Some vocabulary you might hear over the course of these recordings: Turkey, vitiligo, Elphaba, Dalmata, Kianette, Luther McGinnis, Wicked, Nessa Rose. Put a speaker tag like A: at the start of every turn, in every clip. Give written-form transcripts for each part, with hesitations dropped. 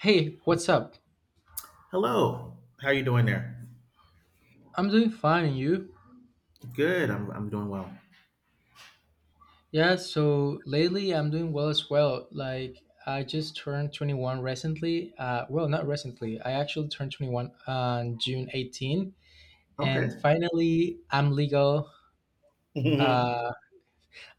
A: Hey, what's up?
B: Hello. How are you doing there?
A: I'm doing fine, and you?
B: Good. I'm doing well.
A: Yeah, so lately I'm doing well as well. Like, I just turned 21 recently. Well, not recently. I actually turned 21 on June 18, and
B: Okay.
A: finally I'm legal. Uh,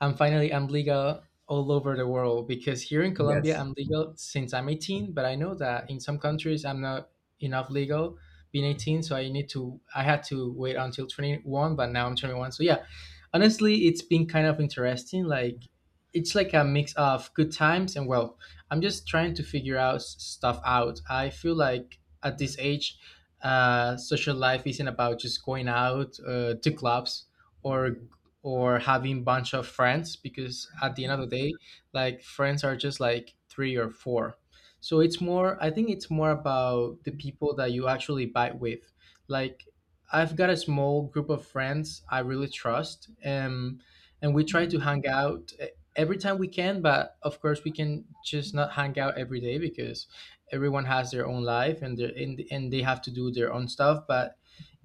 A: And finally, I'm legal all over the world because here in Colombia,
B: Yes.
A: I'm legal since I'm 18, but I know that in some countries, I'm not enough legal being 18. So I had to wait until 21, but now I'm 21. So yeah, honestly, it's been kind of interesting. Like, it's like a mix of good times, and, well, I'm just trying to figure out stuff out. I feel like at this age, social life isn't about just going out to clubs, or or having bunch of friends, because at the end of the day, like, friends are just like three or four, so it's more I think it's more about the people that you actually bite with, like, I've got a small group of friends I really trust, and we try to hang out, every time we can, but of course we can just not hang out every day because everyone has their own life, and, their- and they have to do their own stuff. But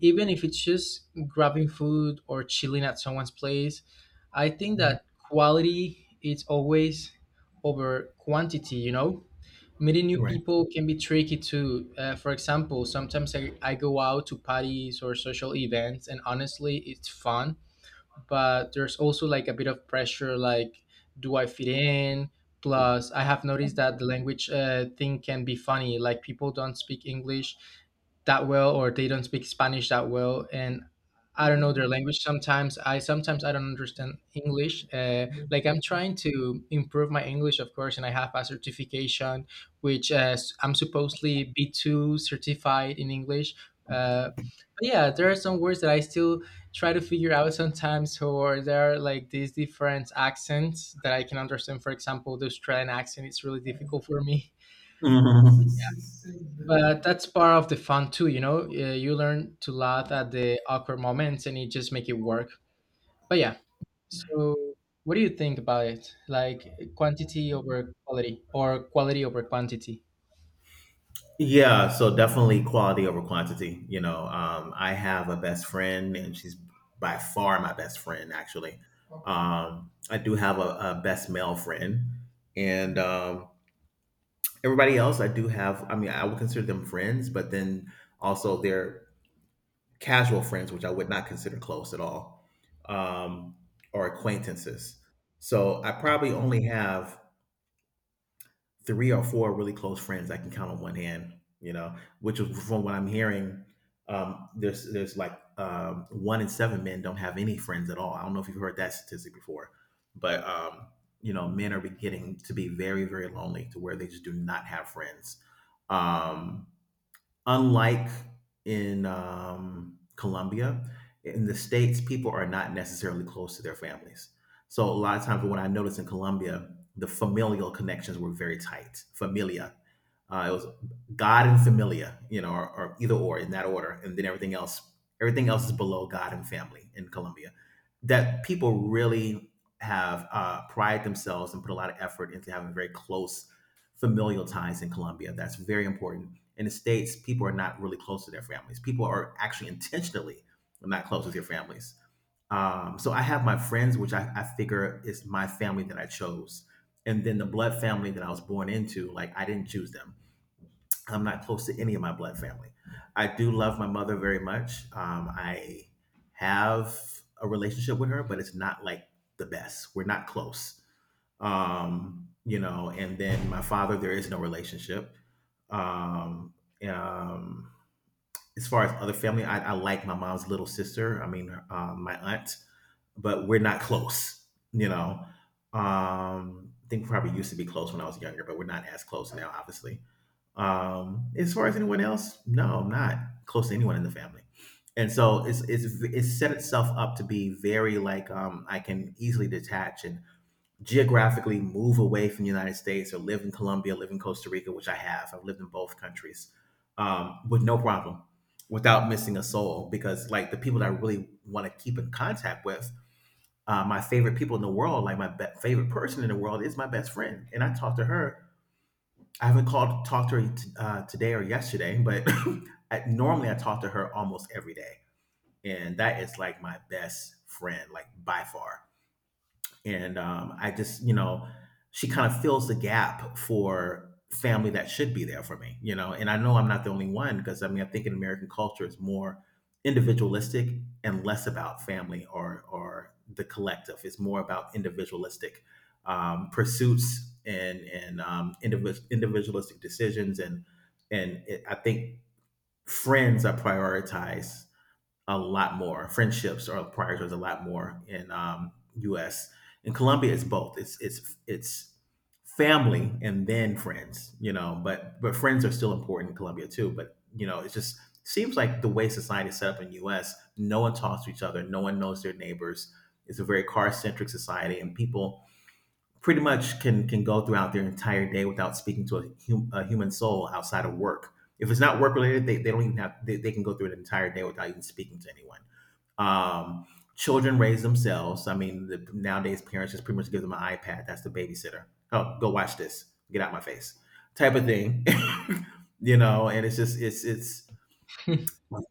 A: even if it's just grabbing food or chilling at someone's place, I think that quality is always over quantity. Meeting new
B: Right.
A: people can be tricky too, for example, sometimes I go out to parties or social events, and honestly it's fun, but there's also like a bit of pressure, like, do I fit in? Plus, I have noticed that the language thing can be funny. Like, people don't speak English that well, or they don't speak Spanish that well, and I don't know their language. Sometimes I don't understand English, like, I'm trying to improve my English, of course, and I have a certification which, I'm supposedly B2 certified in English, uh, but yeah, there are some words that I still try to figure out sometimes, or there are like these different accents that I can understand. For example, the Australian accent is really difficult for me,
B: Mhm.
A: but that's part of the fun too. You know, you learn to laugh at the awkward moments, and you just make it work. But yeah, so what do you think about it? Like, quantity over quality, or quality over quantity?
B: Yeah, so definitely quality over quantity. I have a best friend, and she's by far my best friend, actually. I do have a best male friend, and everybody else I do have, I mean, I would consider them friends, but then also they're casual friends, which I would not consider close at all, um, or acquaintances. So I probably only have three or four really close friends I can count on one hand. Which is from what I'm hearing. There's like one in seven men don't have any friends at all. I don't know if you've heard that statistic before, but men are beginning to be very very lonely to where they just do not have friends. Um, Unlike in Colombia, in the States, people are not necessarily close to their families. So a lot of times, what I noticed in Colombia, the familial connections were very tight. Familia, it was God and familia, or either or in that order, and then everything else. Everything else is below God and family in Colombia. That people really have pride themselves and put a lot of effort into having very close familial ties in Colombia. That's very important. In the states, people are not really close to their families. People are actually intentionally not close with their families. So I have my friends, which I figure is my family that I chose. And then the blood family that I was born into, like, I didn't choose them. I'm not close to any of my blood family. I do love my mother very much. I have a relationship with her, but it's not like the best. We're not close. And then my father, there is no relationship. Um, um, as far as other family, I like my mom's little sister. I mean, my aunt, but we're not close. You know, I think we probably used to be close when I was younger, but we're not as close now, obviously. As far as anyone else, no, I'm not close to anyone in the family. And so it's set itself up to be very like, I can easily detach and geographically move away from the United States or live in Colombia, live in Costa Rica, which I have. I've lived in both countries, with no problem, without missing a soul. Because, like, the people that I really want to keep in contact with, my favorite people in the world, like my favorite person in the world, is my best friend, and I talk to her. I haven't called talked to her today or yesterday, but normally I talk to her almost every day, and that is like my best friend, like by far. And I just, she kind of fills the gap for family that should be there for me. And I know I'm not the only one because, I mean, I think in American culture it's more individualistic and less about family or the collective. It's more about individualistic pursuits and individualistic decisions and I think friends are prioritized a lot more. Friendships or priorities. A lot more in U.S. In Colombia, it's both. It's family and then friends. But friends are still important in Colombia too. But it just seems like the way society is set up in U.S. No one talks to each other. No one knows their neighbors. It's a very car centric society, and people pretty much can go throughout their entire day without speaking to a human soul outside of work. If it's not work related, they don't even have, they can go through an entire day without even speaking to anyone. Um, Children raise themselves. I mean, nowadays parents just pretty much give them an iPad. That's the babysitter. Oh, go watch this. Get out of my face, type of thing. And it's just it's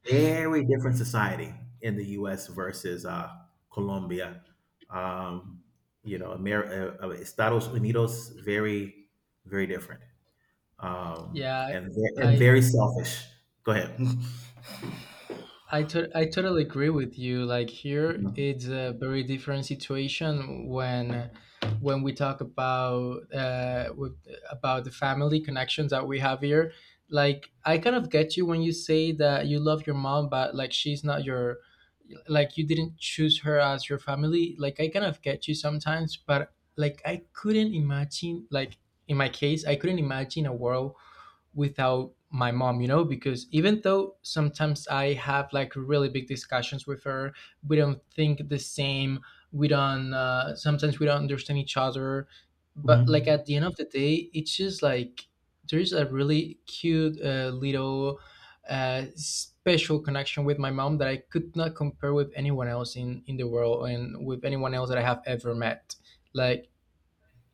B: very different society in the U.S. versus Colombia. Um, Estados Unidos, very, very different, um,
A: Yeah,
B: and
A: I
B: very selfish. Go ahead.
A: I totally agree with you. Like, here it's a very different situation when we talk about the family connections that we have here. Like, I kind of get you when you say that you love your mom, but, like, she's not your, like, you didn't choose her as your family. Like, I kind of get you sometimes, but, like, I couldn't imagine, like, in my case, I couldn't imagine a world without my mom, because even though sometimes I have, like, really big discussions with her, we don't think the same, we don't sometimes we don't understand each other, but, like,
B: Mhm.
A: at the end of the day, it's just like there's a really cute, little, special connection with my mom that I could not compare with anyone else in the world, and with anyone else that I have ever met. Like,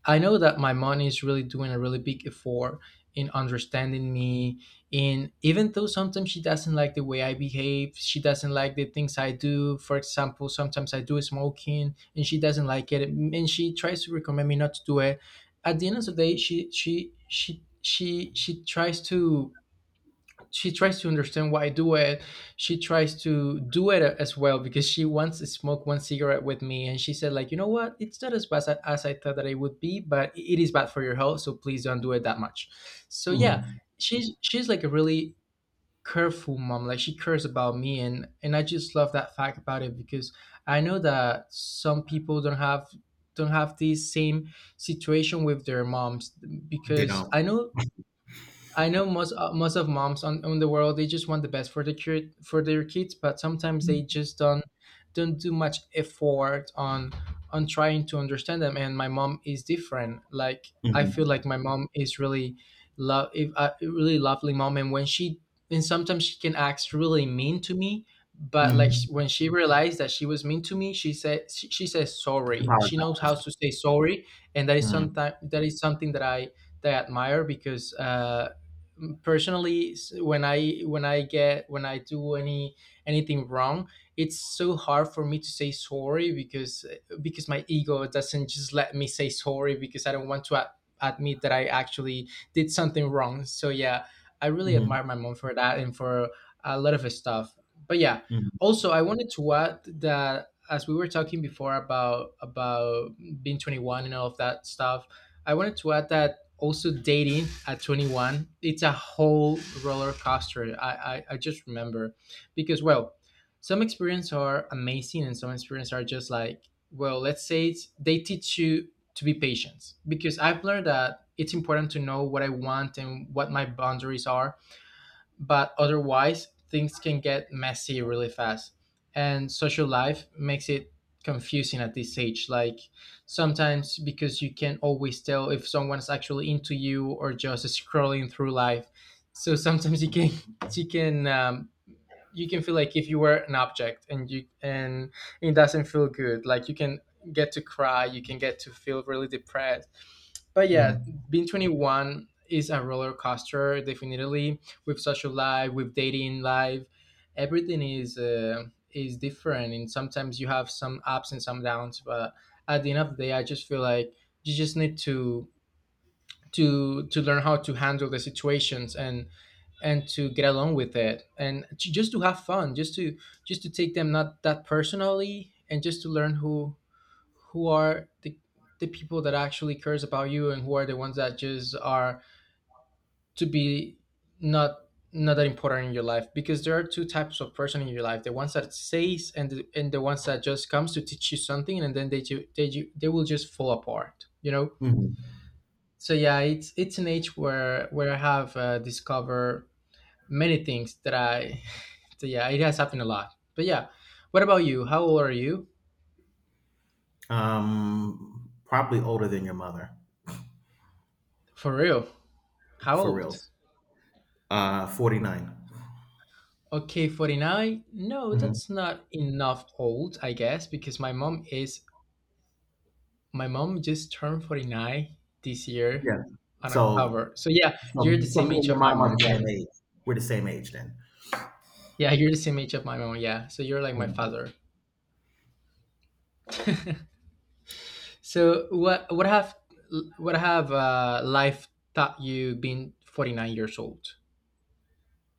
A: I know that my mom is really doing a really big effort in understanding me. In Even though sometimes she doesn't like the way I behave, she doesn't like the things I do. For example, sometimes I do smoking and she doesn't like it, and she tries to recommend me not to do it. At the end of the day, she tries to understand why I do it. She tries to do it as well, because she once smoked one cigarette with me, and she said, like, you know what? It's not as bad as I thought that it would be, but it is bad for your health. So please don't do it that much. So yeah,
B: Mhm.
A: she's like a really careful mom. Like, she cares about me, and I just love that fact about it, because I know that some people don't have this same situation with their moms,
B: They
A: because
B: don't.
A: I know most of moms on in the world, they just want the best for their kid, for their kids, but sometimes they just don't do much effort on trying to understand them. And my mom is different. Like, I feel
B: Mhm.
A: like my mom is really love if a really lovely mom, and sometimes she can act really mean to me. But, like,
B: Mhm.
A: when she realized that she was mean to me, she says sorry. She knows
B: Apologize.
A: how to say sorry, and
B: Mhm.
A: that is something that I admire because. Personally, when I do anything wrong, it's so hard for me to say sorry, because my ego doesn't just let me say sorry, because I don't want to admit that I actually did something wrong. So yeah, I really
B: Mhm.
A: admire my mom for that, and for a lot of stuff. But yeah,
B: Mhm.
A: also, I wanted to add that, as we were talking before about being 21 and all of that stuff, I wanted to add that also dating at 21, it's a whole roller coaster. I just remember, because, well, some experiences are amazing and some experiences are just like, well, let's say, they teach you to be patient, because I've learned that it's important to know what I want and what my boundaries are, but otherwise things can get messy really fast. And social life makes it confusing at this age, like, sometimes, because you can't always tell if someone's actually into you or just scrolling through life. So sometimes you can you can, you can feel like if you were an object, and it doesn't feel good. Like, you can get to cry, you can get to feel really depressed, but yeah,
B: Mhm.
A: being 21 is a roller coaster, definitely. With social life, with dating life, everything is different, and sometimes you have some ups and some downs, but at the end of the day, I just feel like you just need to learn how to handle the situations, and to get along with it, and just to have fun, just to take them not that personally, and just to learn who are the people that actually cares about you, and who are the ones that just are to be not not that important in your life, because there are two types of person in your life: the ones that says, and the ones that just comes to teach you something, and then they will just fall apart.
B: Mhm.
A: So yeah, it's an age where I have discovered many things that I so yeah, it has happened a lot, but yeah. What about you, how old are you?
B: Probably older than your mother,
A: For real, how
B: for
A: old?
B: reals. 49.
A: Okay, 49? No, that's not enough old, I guess, because my mom just turned 49 this year
B: Yeah.
A: on
B: So,
A: October. So yeah,
B: so,
A: you're the
B: so
A: same
B: me and
A: age
B: your
A: of my
B: mom are
A: mom.
B: the
A: Yeah.
B: same age. We're the same age then.
A: Yeah, you're the same age of my mom, yeah. So you're like my
B: Mhm.
A: father. So what have life taught you, being 49 years old?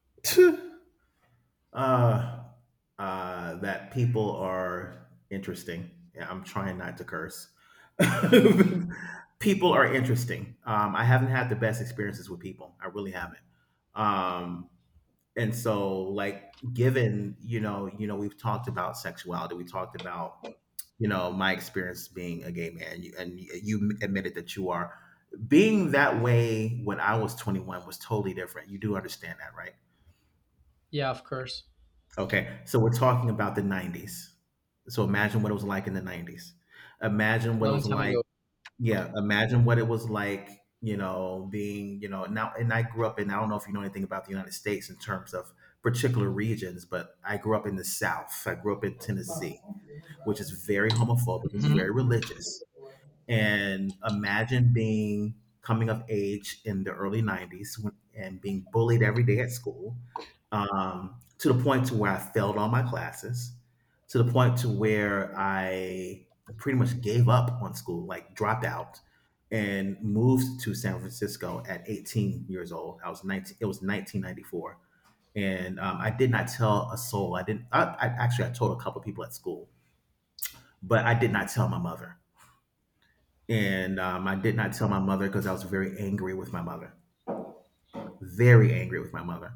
B: uh, that people are interesting. Yeah, I'm trying not to curse. People are interesting. I haven't had the best experiences with people. I really haven't. Um, and so, like, given we've talked about sexuality. We talked about my experience being a gay man, you, and you admitted that you are, being that way when I was 21 was totally different. You do understand that, right?
A: Yeah, of course.
B: Okay, so we're talking about the 90s. So imagine what it was like in the 90s. Imagine what it
A: Long
B: was
A: time
B: like.
A: ago.
B: Yeah, imagine what it was like, being, now. And I grew up in, I don't know if you know anything about the United States in terms of particular regions, but I grew up in the South. I grew up in Tennessee, which is very homophobic, it's very
A: Mhm.
B: religious. And imagine being, coming of age in the early 90s when, and being bullied every day at school, to the point to where I failed all my classes, to the point to where I pretty much gave up on school, like dropped out, and moved to San Francisco at 18 years old. I was 19. It was 1994, and I did not tell a soul. I didn't. I actually, I told a couple of people at school, but I did not tell my mother. And I did not tell my mother because I was very angry with my mother. Very angry with my mother.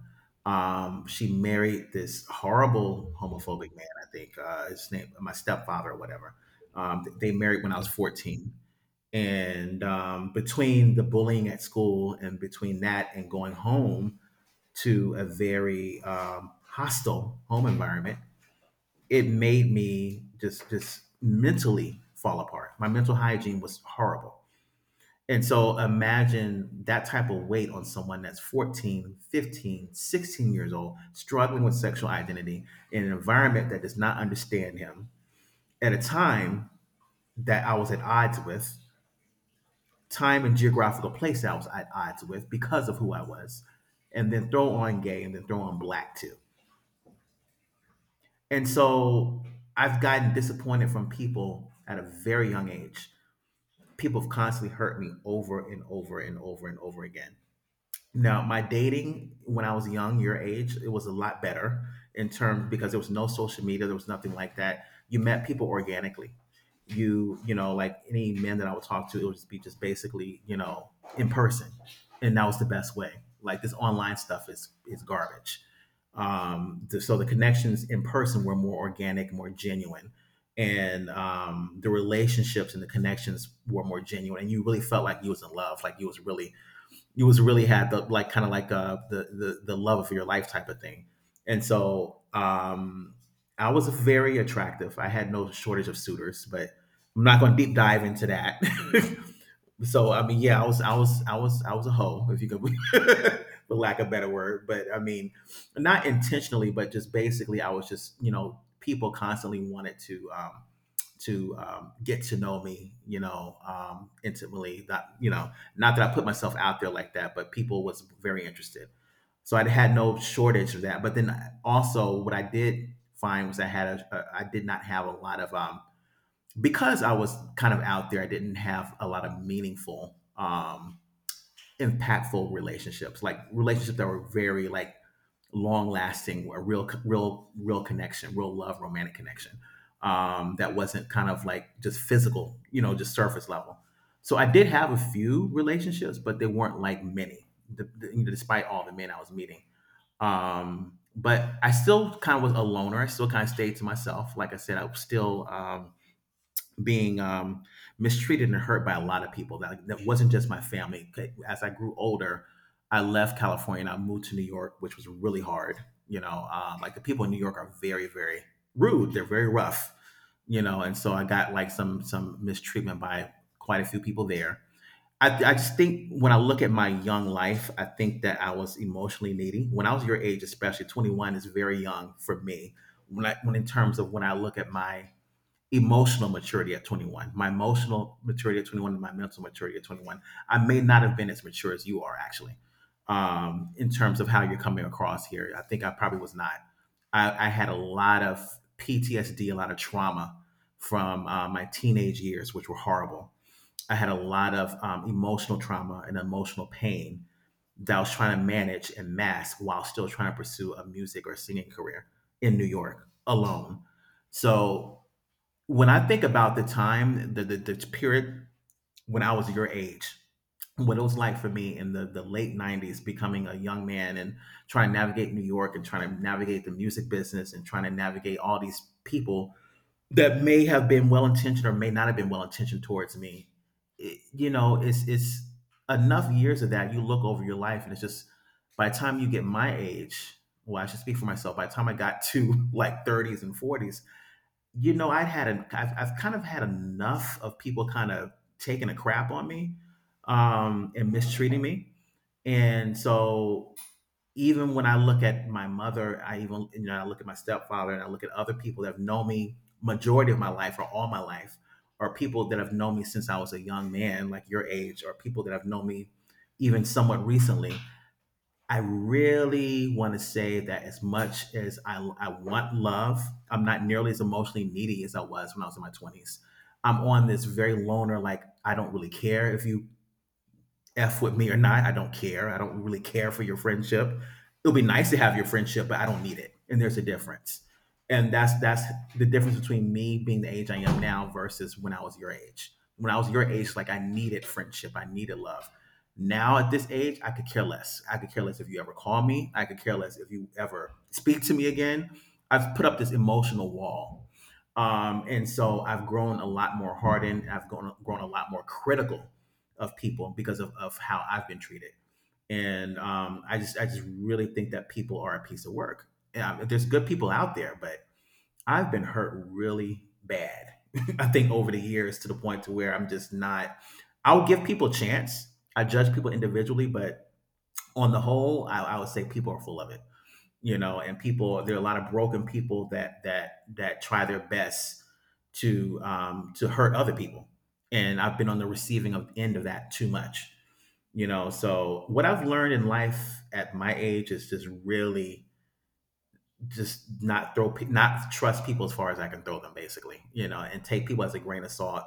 B: She married this horrible homophobic man. I think his name, my stepfather or whatever. They married when I was 14. And Between the bullying at school and between that and going home to a very hostile home environment, it made me just mentally fall apart. My mental hygiene was horrible. And so imagine that type of weight on someone that's 14, 15, 16 years old, struggling with sexual identity in an environment that does not understand him at a time that I was at odds with, time and geographical place I was at odds with because of who I was. And then throw on gay and then throw on black too. And so I've gotten disappointed from people at a very young age. People have constantly hurt me over and over and over and over again. Now, my dating when I was young, your age, it was a lot better in terms because there was no social media, there was nothing like that. You met people organically. Like any men that I would talk to, it would just be just basically, in person, and that was the best way. Like, this online stuff is garbage. So the connections in person were more organic, more genuine, and the relationships and the connections were more genuine, and you really felt like you was in love, like you was really had the, like, kind of like the love of your life type of thing. And so I was very attractive. I had no shortage of suitors, but I'm not going to deep dive into that. So, I mean, yeah, I was a hoe, if you could. For lack of a better word, but I mean, not intentionally, but just basically I was just, you know, people constantly wanted to get to know me, intimately. Not, not that I put myself out there like that, but people was very interested. So I had no shortage of that. But then also, what I did find was I had a I did not have a lot of because I was kind of out there. I didn't have a lot of meaningful, impactful relationships, like relationships that were very like long lasting, a real, real, real connection, real love, romantic connection, that wasn't kind of like just physical, just surface level. So I did have a few relationships, but they weren't like many, despite all the men I was meeting. But I still kind of was a loner. I still kind of stayed to myself. Like I said, I was still being mistreated and hurt by a lot of people. That, like, that wasn't just my family. As I grew older, I left California and I moved to New York, which was really hard. You know, like the people in New York are very, very rude. They're very rough. You know, and so I got like some mistreatment by quite a few people there. I just think when I look at my young life, I think that I was emotionally needy. When I was your age, especially 21 is very young for me. When I, when in terms of when I look at my emotional maturity at 21, my emotional maturity at 21 and my mental maturity at 21, I may not have been as mature as you are. Actually, in terms of how you're coming across here, I think I probably was not. I had a lot of PTSD, a lot of trauma from my teenage years, which were horrible. I had a lot of emotional trauma and emotional pain that I was trying to manage and mask while still trying to pursue a music or singing career in New York alone. So when I think about the time, the period when I was your age, what it was like for me in the late 90s, becoming a young man and trying to navigate New York and trying to navigate the music business and trying to navigate all these people that may have been well intentioned or may not have been well intentioned towards me. It's enough years of that. You look over your life and it's just by the time you get my age, well, I should speak for myself. By the time I got to like 30s and 40s, you know, I've kind of had enough of people kind of taking a crap on me and mistreating me. And so even when I look at my mother, I even, you know, I look at my stepfather and I look at other people that have known me majority of my life or all my life or people that have known me since I was a young man, like your age, or people that have known me even somewhat recently. I really want to say that as much as I want love, I'm not nearly as emotionally needy as I was when I was in my 20s. I'm on this very loner, like, I don't really care if you F with me or not. I don't care. I don't really care for your friendship. It'll be nice to have your friendship, but I don't need it. And there's a difference. And that's the difference between me being the age I am now versus when I was your age. When I was your age, like I needed friendship, I needed love. Now at this age, I could care less. I could care less if you ever call me. I could care less if you ever speak to me again. I've put up this emotional wall. And so I've grown a lot more hardened. I've grown a lot more critical of people because of how I've been treated. And I just really think that people are a piece of work. There's good people out there, but I've been hurt really bad. I think over the years to the point to where I'm just not. I'll give people a chance. I judge people individually, but on the whole, I would say people are full of it. You know, and people there are a lot of broken people that that try their best to hurt other people, and I've been on the receiving of, end of that too much. You know, so what I've learned in life at my age is just really just not throw pe- not trust people as far as I can throw them, basically. You know, and take people as a grain of salt.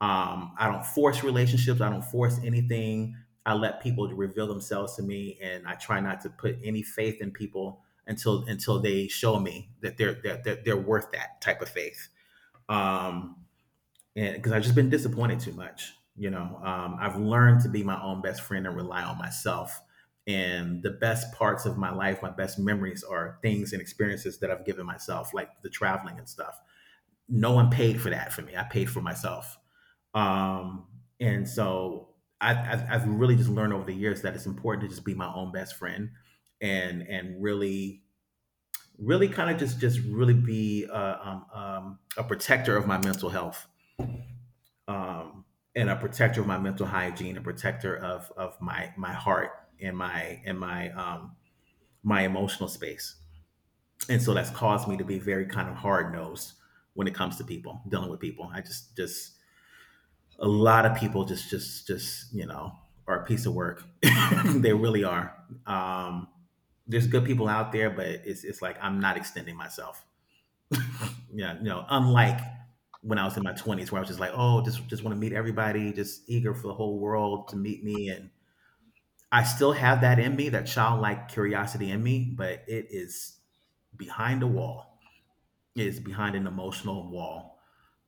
B: I don't force relationships, I don't force anything. I let people reveal themselves to me and I try not to put any faith in people until they show me that that they're worth that type of faith. Um, and because I've just been disappointed too much. You know, I've learned to be my own best friend and rely on myself. And the best parts of my life, my best memories are things and experiences that I've given myself, like the traveling and stuff. No one paid for that for me. I paid for myself. Um, and so I've really just learned over the years that it's important to just be my own best friend and really really kind of just really be a protector of my mental health, um, and a protector of my mental hygiene, a protector of my my heart and my my emotional space. And so that's caused me to be very kind of hard nosed when it comes to people dealing with people. I just a lot of people just you know are a piece of work. They really are. Um, there's good people out there, but it's like I'm not extending myself, yeah, you know, unlike when I was in my 20s, where I was just like, oh, just want to meet everybody, just eager for the whole world to meet me, and I still have that in me, that childlike curiosity in me, but it is behind a wall. It is behind an emotional wall,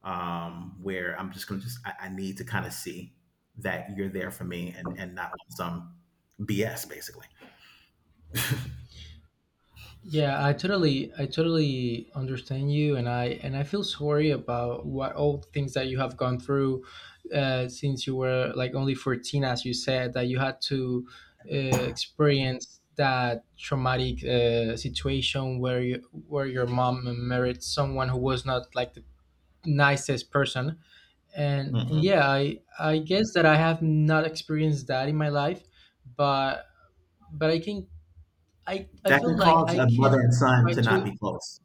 B: where I'm just gonna just I need to kind of see that you're there for me and not some BS basically.
A: Yeah, I totally understand you, and I feel sorry about what all the things that you have gone through since you were like only 14, as you said, that you had to experience that traumatic situation where your mom married someone who was not like the nicest person. And
B: Mm-mm.
A: yeah, I guess that I have not experienced that in my life, but but I can, I
B: That
A: feel
B: can
A: like
B: cause
A: I
B: a
A: can
B: mother and son
A: try
B: to
A: to.
B: not be close.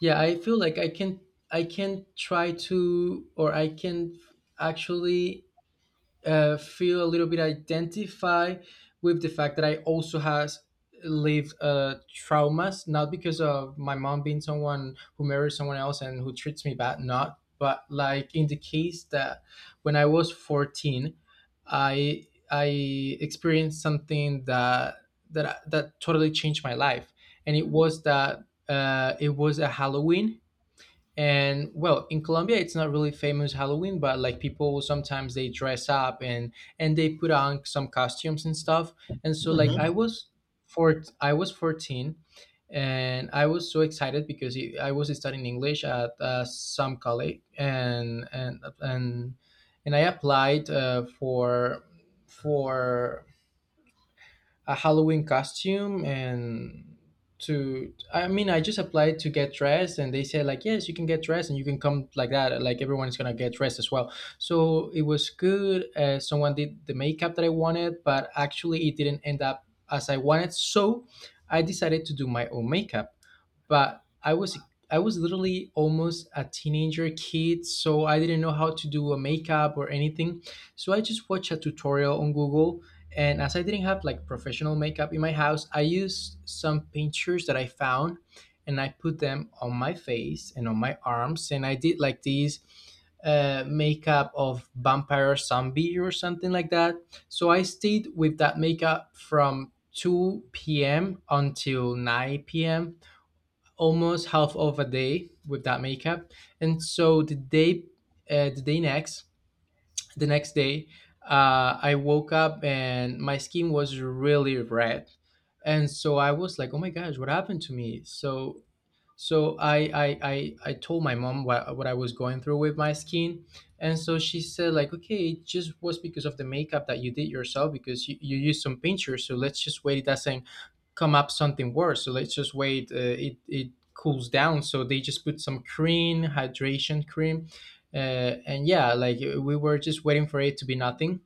A: Yeah, I feel like I can, I can try to, or I can actually feel a little bit identified with the fact that I also has lived traumas, not because of my mom being someone who marries someone else and who treats me bad, not, but like in the case that when I was 14, I experienced something that that totally changed my life. And it was that it was a Halloween, and well, in Colombia it's not really famous Halloween, but like people sometimes they dress up, and they put on some costumes and stuff. And so like I
B: Hmm.
A: was 14 and I was so excited because I was studying English at some college, and I applied for a Halloween costume, and to, I mean, I just applied to get dressed, and they said, like, yes, you can get dressed and you can come like that, like everyone is gonna get dressed as well. So it was good. Someone did the makeup that I wanted, but actually it didn't end up as I wanted, so I decided to do my own makeup. But I was, I was literally almost a teenager kid, so I didn't know how to do a makeup or anything. So I just watched a tutorial on Google, and as I didn't have like professional makeup in my house, I used some pictures that I found, and I put them on my face and on my arms, and I did like these makeup of vampire zombie or something like that. So I stayed with that makeup from 2 p.m. until 9 p.m, almost half of a day with that makeup. And so uh, the day next, the next day, I woke up and my skin was really red. And so I was like, oh my gosh, what happened to me? So so I told my mom what I was going through with my skin. And so she said, like, okay, it just was because of the makeup that you did yourself, because you used some pincher. So let's just wait. It doesn't come up something worse. So let's just wait. It cools down. So they just put some cream, hydration cream, and yeah, like we were just waiting for it to be nothing,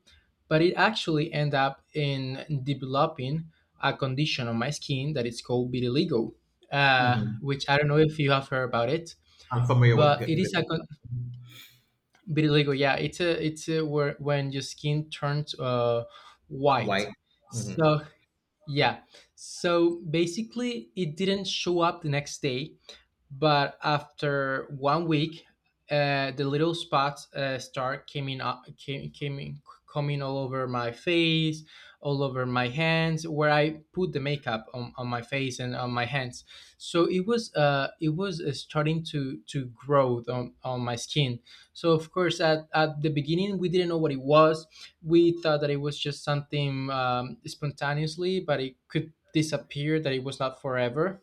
A: but it actually ended up in developing a condition on my skin that is called vitiligo,
B: Hmm.
A: which I don't know if you have heard about it,
B: I'm familiar with
A: but it
B: good.
A: is a vitiligo. Yeah, where when your skin turns white.
B: Why? Mhm.
A: So yeah, so basically it didn't show up the next day, but after 1 week the little spots start coming up came, came in- coming all over my face, all over my hands where I put the makeup on my face and on my hands. So it was starting to grow on my skin. So of course at the beginning we didn't know what it was. We thought that it was just something spontaneously, but it could disappear, that it was not forever.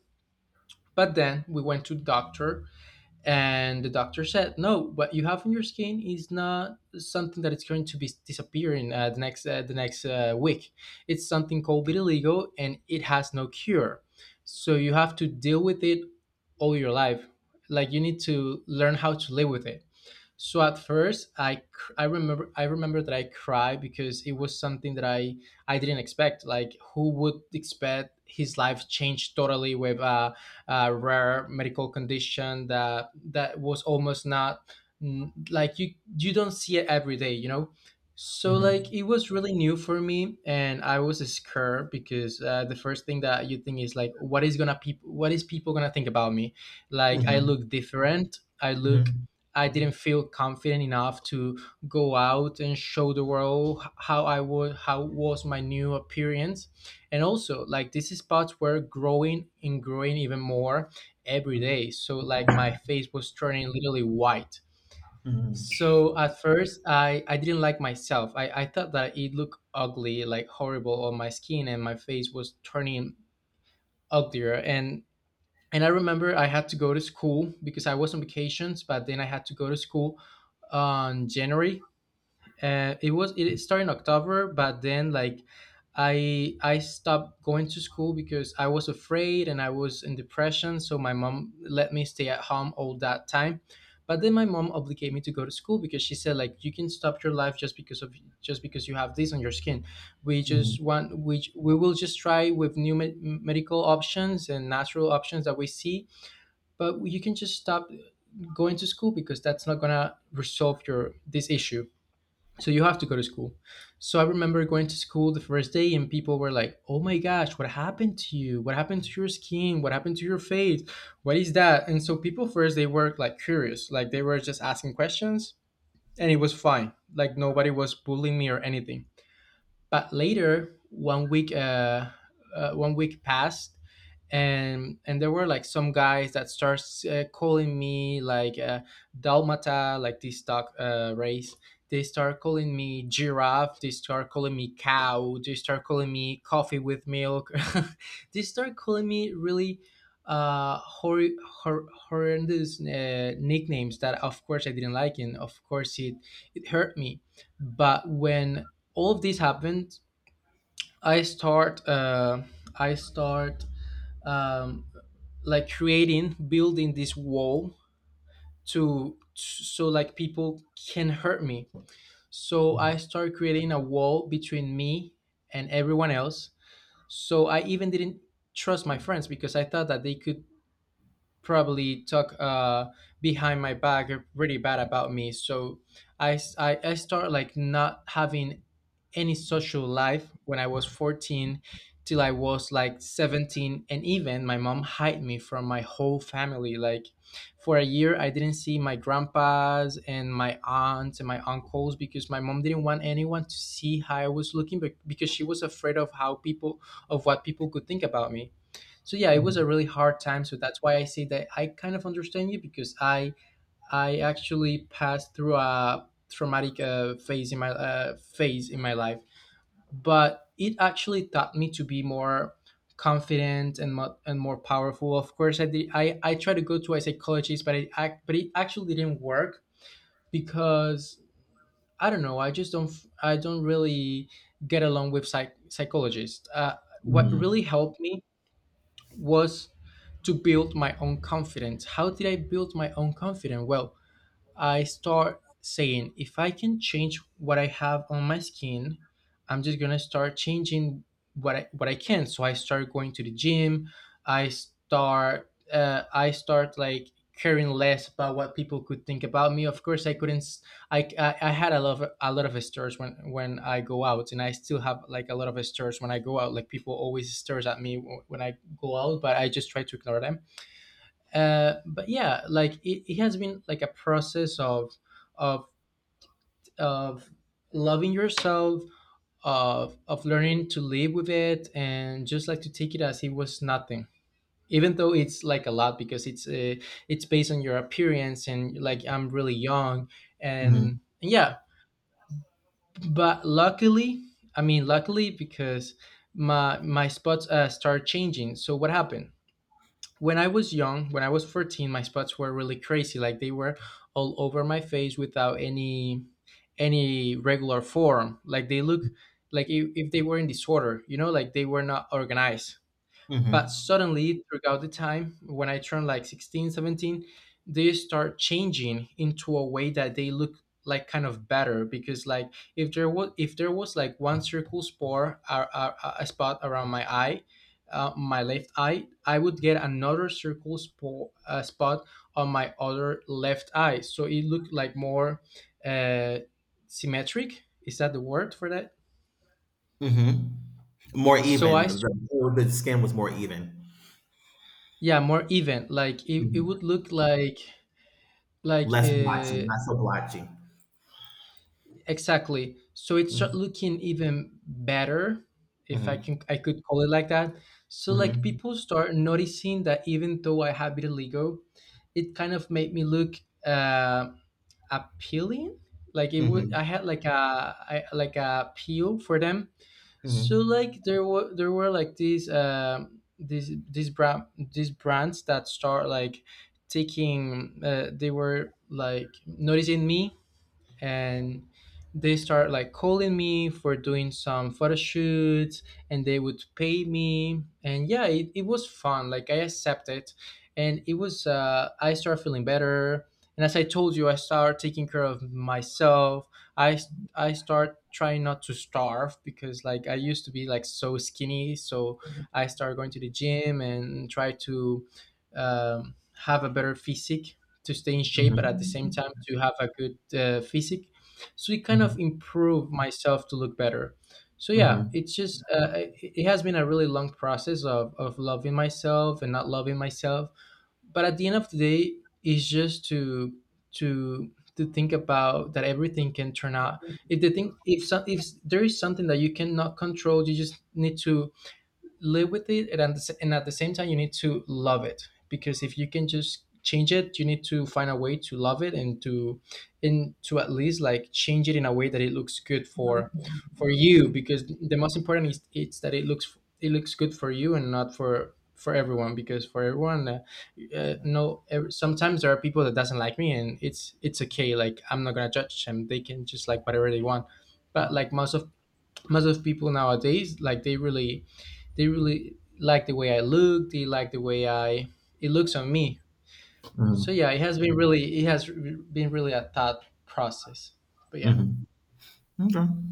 A: But then we went to the doctor, and the doctor said, "No, what you have on your skin is not something that it's going to be disappearing the next week. It's something called vitiligo, and it has no cure. So you have to deal with it all your life. Like you need to learn how to live with it." So at first, I remember, I remember that I cried because it was something that I didn't expect. Like who would expect his life changed totally with a rare medical condition that that was almost not, mm, like you don't see it every day, you know. So like
B: Mhm.
A: it was really new for me, and I was scared because the first thing that you think is like, what is people gonna think about me? Like I
B: Mhm.
A: look different, I look,
B: Mhm.
A: I didn't feel confident enough to go out and show the world how I would, how was my new appearance. And also like these spots were growing and growing even more every day. So like my face was turning literally white.
B: Mhm.
A: So at first I didn't like myself. I thought that it looked ugly, like horrible on my skin, and my face was turning uglier. And I remember I had to go to school because I was on vacations, but then I had to go to school on January. It started in October, but then like I stopped going to school because I was afraid and I was in depression. So my mom let me stay at home all that time. But then my mom obligated me to go to school because she said, like, you can stop your life just because of, just because you have this on your skin. We
B: Mhm.
A: just want, we will just try with new medical options and natural options that we see, but you can just stop going to school, because that's not gonna resolve your this issue. So you have to go to school. So I remember going to school the first day, and people were like, "Oh my gosh, what happened to you? What happened to your skin? What happened to your face? What is that?" And so people first they were like curious, like they were just asking questions, and it was fine. Like nobody was bullying me or anything. But later, 1 week passed, and there were like some guys that starts calling me like Dalmata, like this dog race. They start calling me giraffe. They start calling me cow. They start calling me coffee with milk. They start calling me really uh, hor- horrendous nicknames that, of course, I didn't like, and of course, it hurt me. But when all of these happened, I start uh, I start um, like creating, building this wall to, so like people can hurt me. So I
B: Mhm.
A: start creating a wall between me and everyone else. So I even didn't trust my friends, because I thought that they could probably talk behind my back really bad about me. So I start like not having any social life when I was 14 till I was like 17. And even my mom hid me from my whole family. Like for a year, I didn't see my grandpas and my aunts and my uncles, because my mom didn't want anyone to see how I was looking, but because she was afraid of how people, of what people could think about me. So yeah, it was a really hard time. So that's why I say that I kind of understand you, because I actually passed through a traumatic phase in my life, but it actually taught me to be more confident and more powerful. Of course I did, I tried to go to a psychologist, but it actually didn't work, because I don't know, I just don't f- I don't really get along with psychologists. What really
B: Mhm.
A: helped me was to build my own confidence. How did I build my own confidence? Well, I start saying, if I can change what I have on my skin, I'm just gonna start changing what I can. So I start going to the gym. I start like caring less about what people could think about me. Of course, I couldn't. I had a lot of stares when I go out, and I still have like a lot of stares when I go out. Like people always stares at me when I go out, but I just try to ignore them. But yeah, like it has been like a process of of of loving yourself, of learning to live with it, and just like to take it as it was nothing, even though it's like a lot, because it's based on your appearance, and like I'm really young. And
B: Mhm.
A: yeah, but luckily, I mean luckily, because my spots start changing. So what happened, when I was young, when I was 14, my spots were really crazy. Like they were all over my face without any any regular form. Like they look like if they were in disorder, you know, like they were not organized. But
B: Mhm.
A: suddenly, throughout the time, when I turned like 16, 17, they start changing into a way that they look like kind of better, because like if there was, if there was like one circle spot, or a spot around my eye, my left eye, I would get another circle spot spot on my other left eye, so it looked like more uh, symmetric. Is that the word for that?
B: Mhm. More
A: So I,
B: even.
A: s-
B: The skin was more even.
A: yeah, more even. Like it
B: Mhm.
A: would look like
B: Less blotchy, not so blotchy.
A: exactly. So it's start
B: Mhm.
A: looking even better, if I
B: Mhm.
A: can, I could call it like that. So like people start noticing that, even though I have little ego, it kind of made me look uh, appealing. Like it would,
B: Mhm.
A: I had like like a appeal for them. So
B: Mhm.
A: like there were, there were like these brand these brands that start like taking, they were like noticing me, and they start like calling me for doing some photo shoots, and they would pay me. And yeah, it was fun. Like I accepted, and it was I started feeling better. And as I told you, I started taking care of myself. I I start trying not to starve, because like I used to be like so skinny. So I started going to the gym and try to have a better physique, to stay in shape, but at the same
B: Mhm.
A: time to have a good physique. So it kind
B: Mhm.
A: of improved myself to look better. So yeah,
B: Mhm.
A: it's just it has been a really long process of loving myself and not loving myself. But at the end of the day, it's just to to to think about that everything can turn out. If the thing if some if there is something that you cannot control, you just need to live with it, and at the same time you need to love it, because if you can just change it, you need to find a way to love it and to, and to at least like change it in a way that it looks good for you. Because the most important is, it looks, it looks good for you and not for for everyone. Because for everyone no ev- sometimes there are people that doesn't like me, and it's okay. Like I'm not gonna judge them. They can just like whatever they want. But like most of people nowadays, like they really, they really like the way I look. They like the way I, it looks on me. So
B: Mhm.
A: yeah, it has been really, been really a thought process. But yeah.
B: Mhm. Mhm. Okay.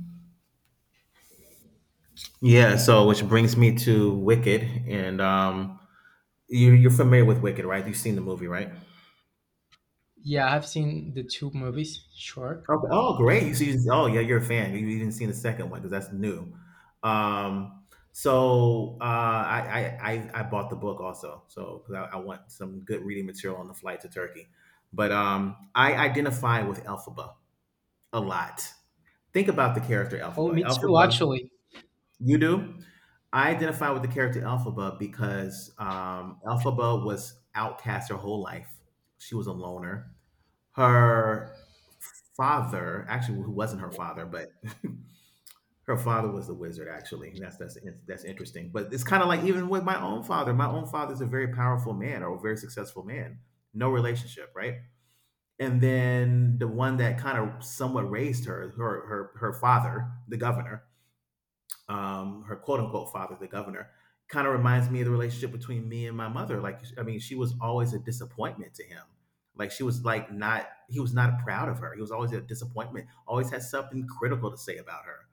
B: Yeah, so which brings me to Wicked, and you you're familiar with Wicked, right? You've seen the movie, right?
A: Yeah, I've seen the two movies, sure.
B: Okay. Oh, great! So you oh yeah, you're a fan. You've even seen the second one because that's new. I bought the book also, so because I want some good reading material on the flight to Turkey. But I identify with Elphaba a lot. Think about the character
A: Oh,
B: Elphaba.
A: me too
B: Elphaba,
A: actually.
B: you do. I identify with the character Elphaba because Elphaba was outcast her whole life. She was a loner. Her father, actually, who wasn't her father, but her father was the wizard. Actually, that's interesting. But it's kind of like even with my own father. My own father's a very powerful man or a very successful man. No relationship, right? And then the one that kind of somewhat raised her, her father, the governor, her quote unquote father, the governor, kind of reminds me of the relationship between me and my mother. Like, I mean, she was always a disappointment to him. Like, she was like not, he was not proud of her. He was always a disappointment, always had something critical to say about her,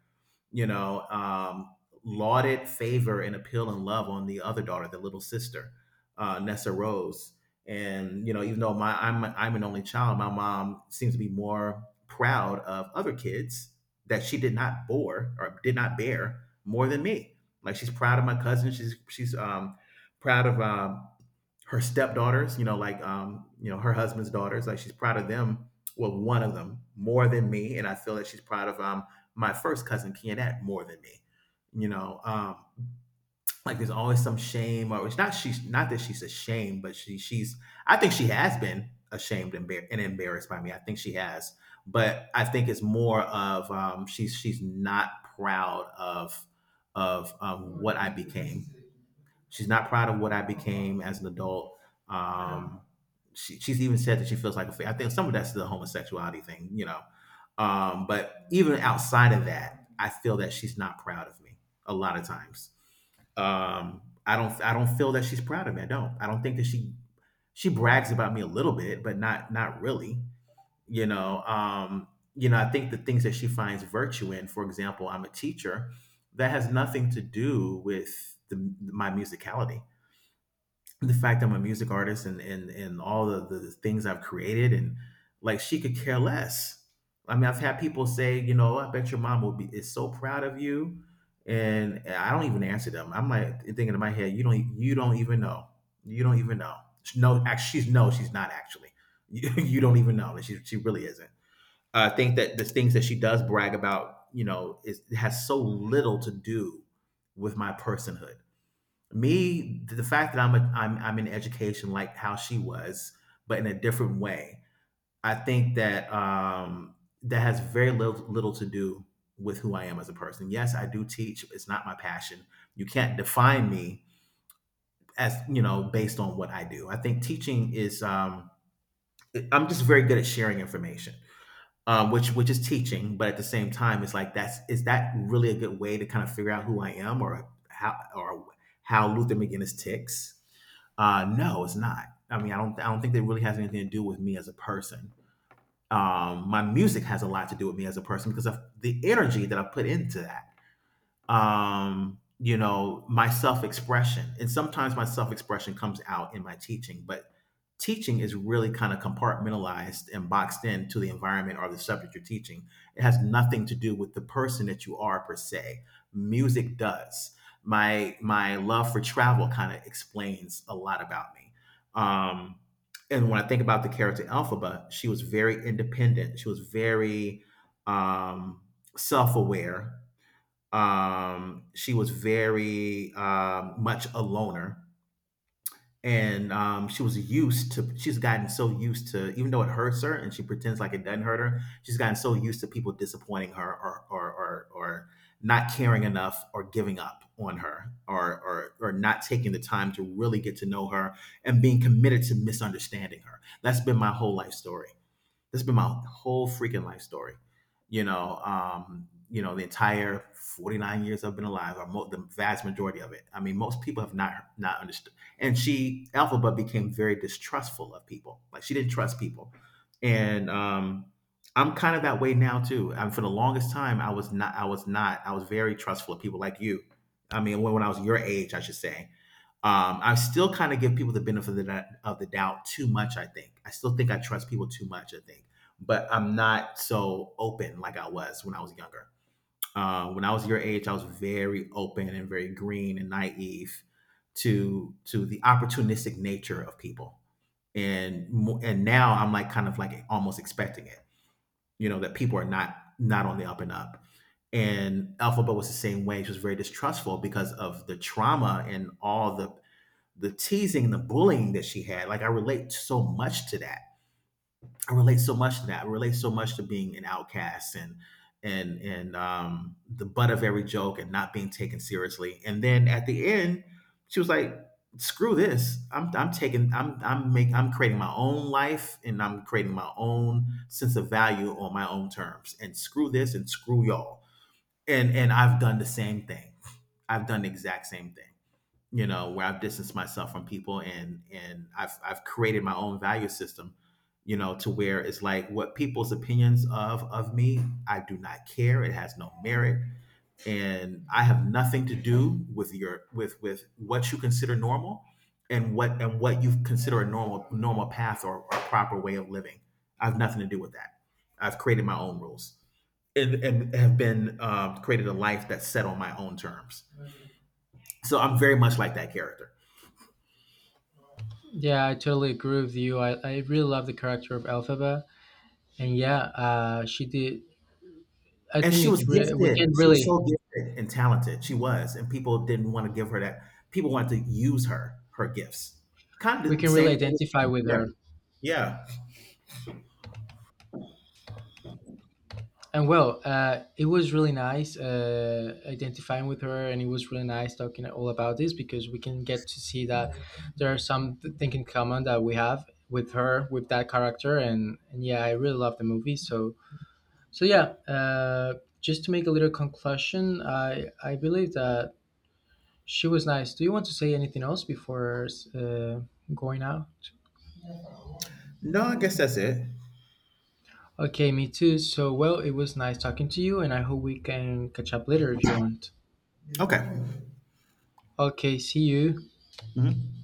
B: you know, lauded favor and appeal and love on the other daughter, the little sister, Nessa Rose. And you know, even though my I'm an only child, my mom seems to be more proud of other kids that she did not bore or did not bear more than me. Like she's proud of my cousin. She's proud of her stepdaughters, you know, like you know, her husband's daughters, like she's proud of them. Well, one of them more than me, and I feel that she's proud of my first cousin Kianette more than me. You know, like there's always some shame, or it's not she's not that she's ashamed, but she's I think she has been ashamed and, embar- and embarrassed by me. I think she has, but I think it's more of she's not proud of what I became. She's not proud of what I became as an adult. Um, she's even said that she feels like a fa- I think some of that's the homosexuality thing, you know. But even outside of that, I feel that she's not proud of me a lot of times. I don't feel that she's proud of me. I don't. I don't think that she brags about me a little bit, but not really. You know, um, you know, I think the things that she finds virtue in, for example, I'm a teacher, that has nothing to do with my musicality, the fact I'm a music artist and all the things I've created and like she could care less. I mean, I've had people say, I bet your mom will be is so proud of you, and I don't even answer them. I'm like thinking in my head, you don't even know, you don't even know. No, actually, she's no, she's not actually. You don't even know that she really isn't. I think that the things that she does brag about, you know, is has so little to do with my personhood, me, the fact that I'm in education like how she was, but in a different way. I think that that has very little, little to do with who I am as a person. Yes, I do teach. It's not my passion. You can't define me as, you know, based on what I do. I think teaching is. I'm just very good at sharing information, which is teaching, but at the same time, it's like that's is that really a good way to kind of figure out who I am, or how Luther McGinnis ticks? No, it's not. I mean, I don't think that really has anything to do with me as a person. My music has a lot to do with me as a person because of the energy that I put into that, you know, my self expression. And sometimes my self expression comes out in my teaching, but teaching is really kind of compartmentalized and boxed in to the environment or the subject you're teaching. It has nothing to do with the person that you are per se. Music does. My love for travel kind of explains a lot about me. Um, and when I think about the character Elphaba, she was very independent. She was very um, self aware, she was very much a loner, and she was used to. She's gotten so used to, even though it hurts her, and she pretends like it doesn't hurt her. She's gotten so used to people disappointing her, or not caring enough, or giving up on her, or or not taking the time to really get to know her, and being committed to misunderstanding her. That's been my whole life story. This has been my whole freaking life story. You know, the entire 49 years I've been alive, or the vast majority of it. I mean, most people have not understood. And she, Alphaba, became very distrustful of people. Like she didn't trust people. And I'm kind of that way now too. And for the longest time, I was not. I was not. I was very trustful of people like you. I mean, when I was your age, I should say, I still kind of give people the benefit of the doubt too much, I think. I still think I trust people too much, I think. But I'm not so open like I was when I was younger. When I was your age, I was very open and very green and naive to the opportunistic nature of people. And and now I'm like kind of like almost expecting it, you know, that people are not on the up and up, and Alphaba was the same way. She was very distrustful because of the trauma and all the teasing and the bullying that she had. Like I relate so much to that. I relate so much to that. I relate so much to being an outcast, and and the butt of every joke, and not being taken seriously. And then at the end she was like, screw this, I'm taking I'm making I'm creating my own life, and I'm creating my own sense of value on my own terms, and screw this and screw y'all. And I've done the same thing. I've done the exact same thing, you know, where I've distanced myself from people, and I've created my own value system, you know, to where it's like what people's opinions of me, I do not care. It has no merit. And I have nothing to do with your, with what you consider normal, and what you consider a normal path, or proper way of living. I have nothing to do with that. I've created my own rules, and have been, created a life that's set on my own terms. So I'm very much like that character.
A: Yeah, I totally agree with you. I really love the character of Elphaba. And yeah, she did I
B: And
A: think
B: she was
A: it re- we
B: gifted.
A: can
B: She was
A: really,
B: so gifted and talented. She was, and people didn't want to give her that. People wanted to use her, her gifts. Kind
A: we
B: of the
A: can really
B: same thing.
A: identify with
B: Yeah,
A: her.
B: yeah.
A: And well, it was really nice identifying with her, and it was really nice talking all about this, because we can get to see that there are some thing in common that we have with her, with that character. And yeah, I really love the movie. So so yeah, just to make a little conclusion, I believe that she was nice. Do you want to say anything else before uh, going out?
B: No, I guess that's it.
A: Okay, me too. So well, it was nice talking to you, and I hope we can catch up later if you want.
B: Okay.
A: Okay, see you.
B: Mhm.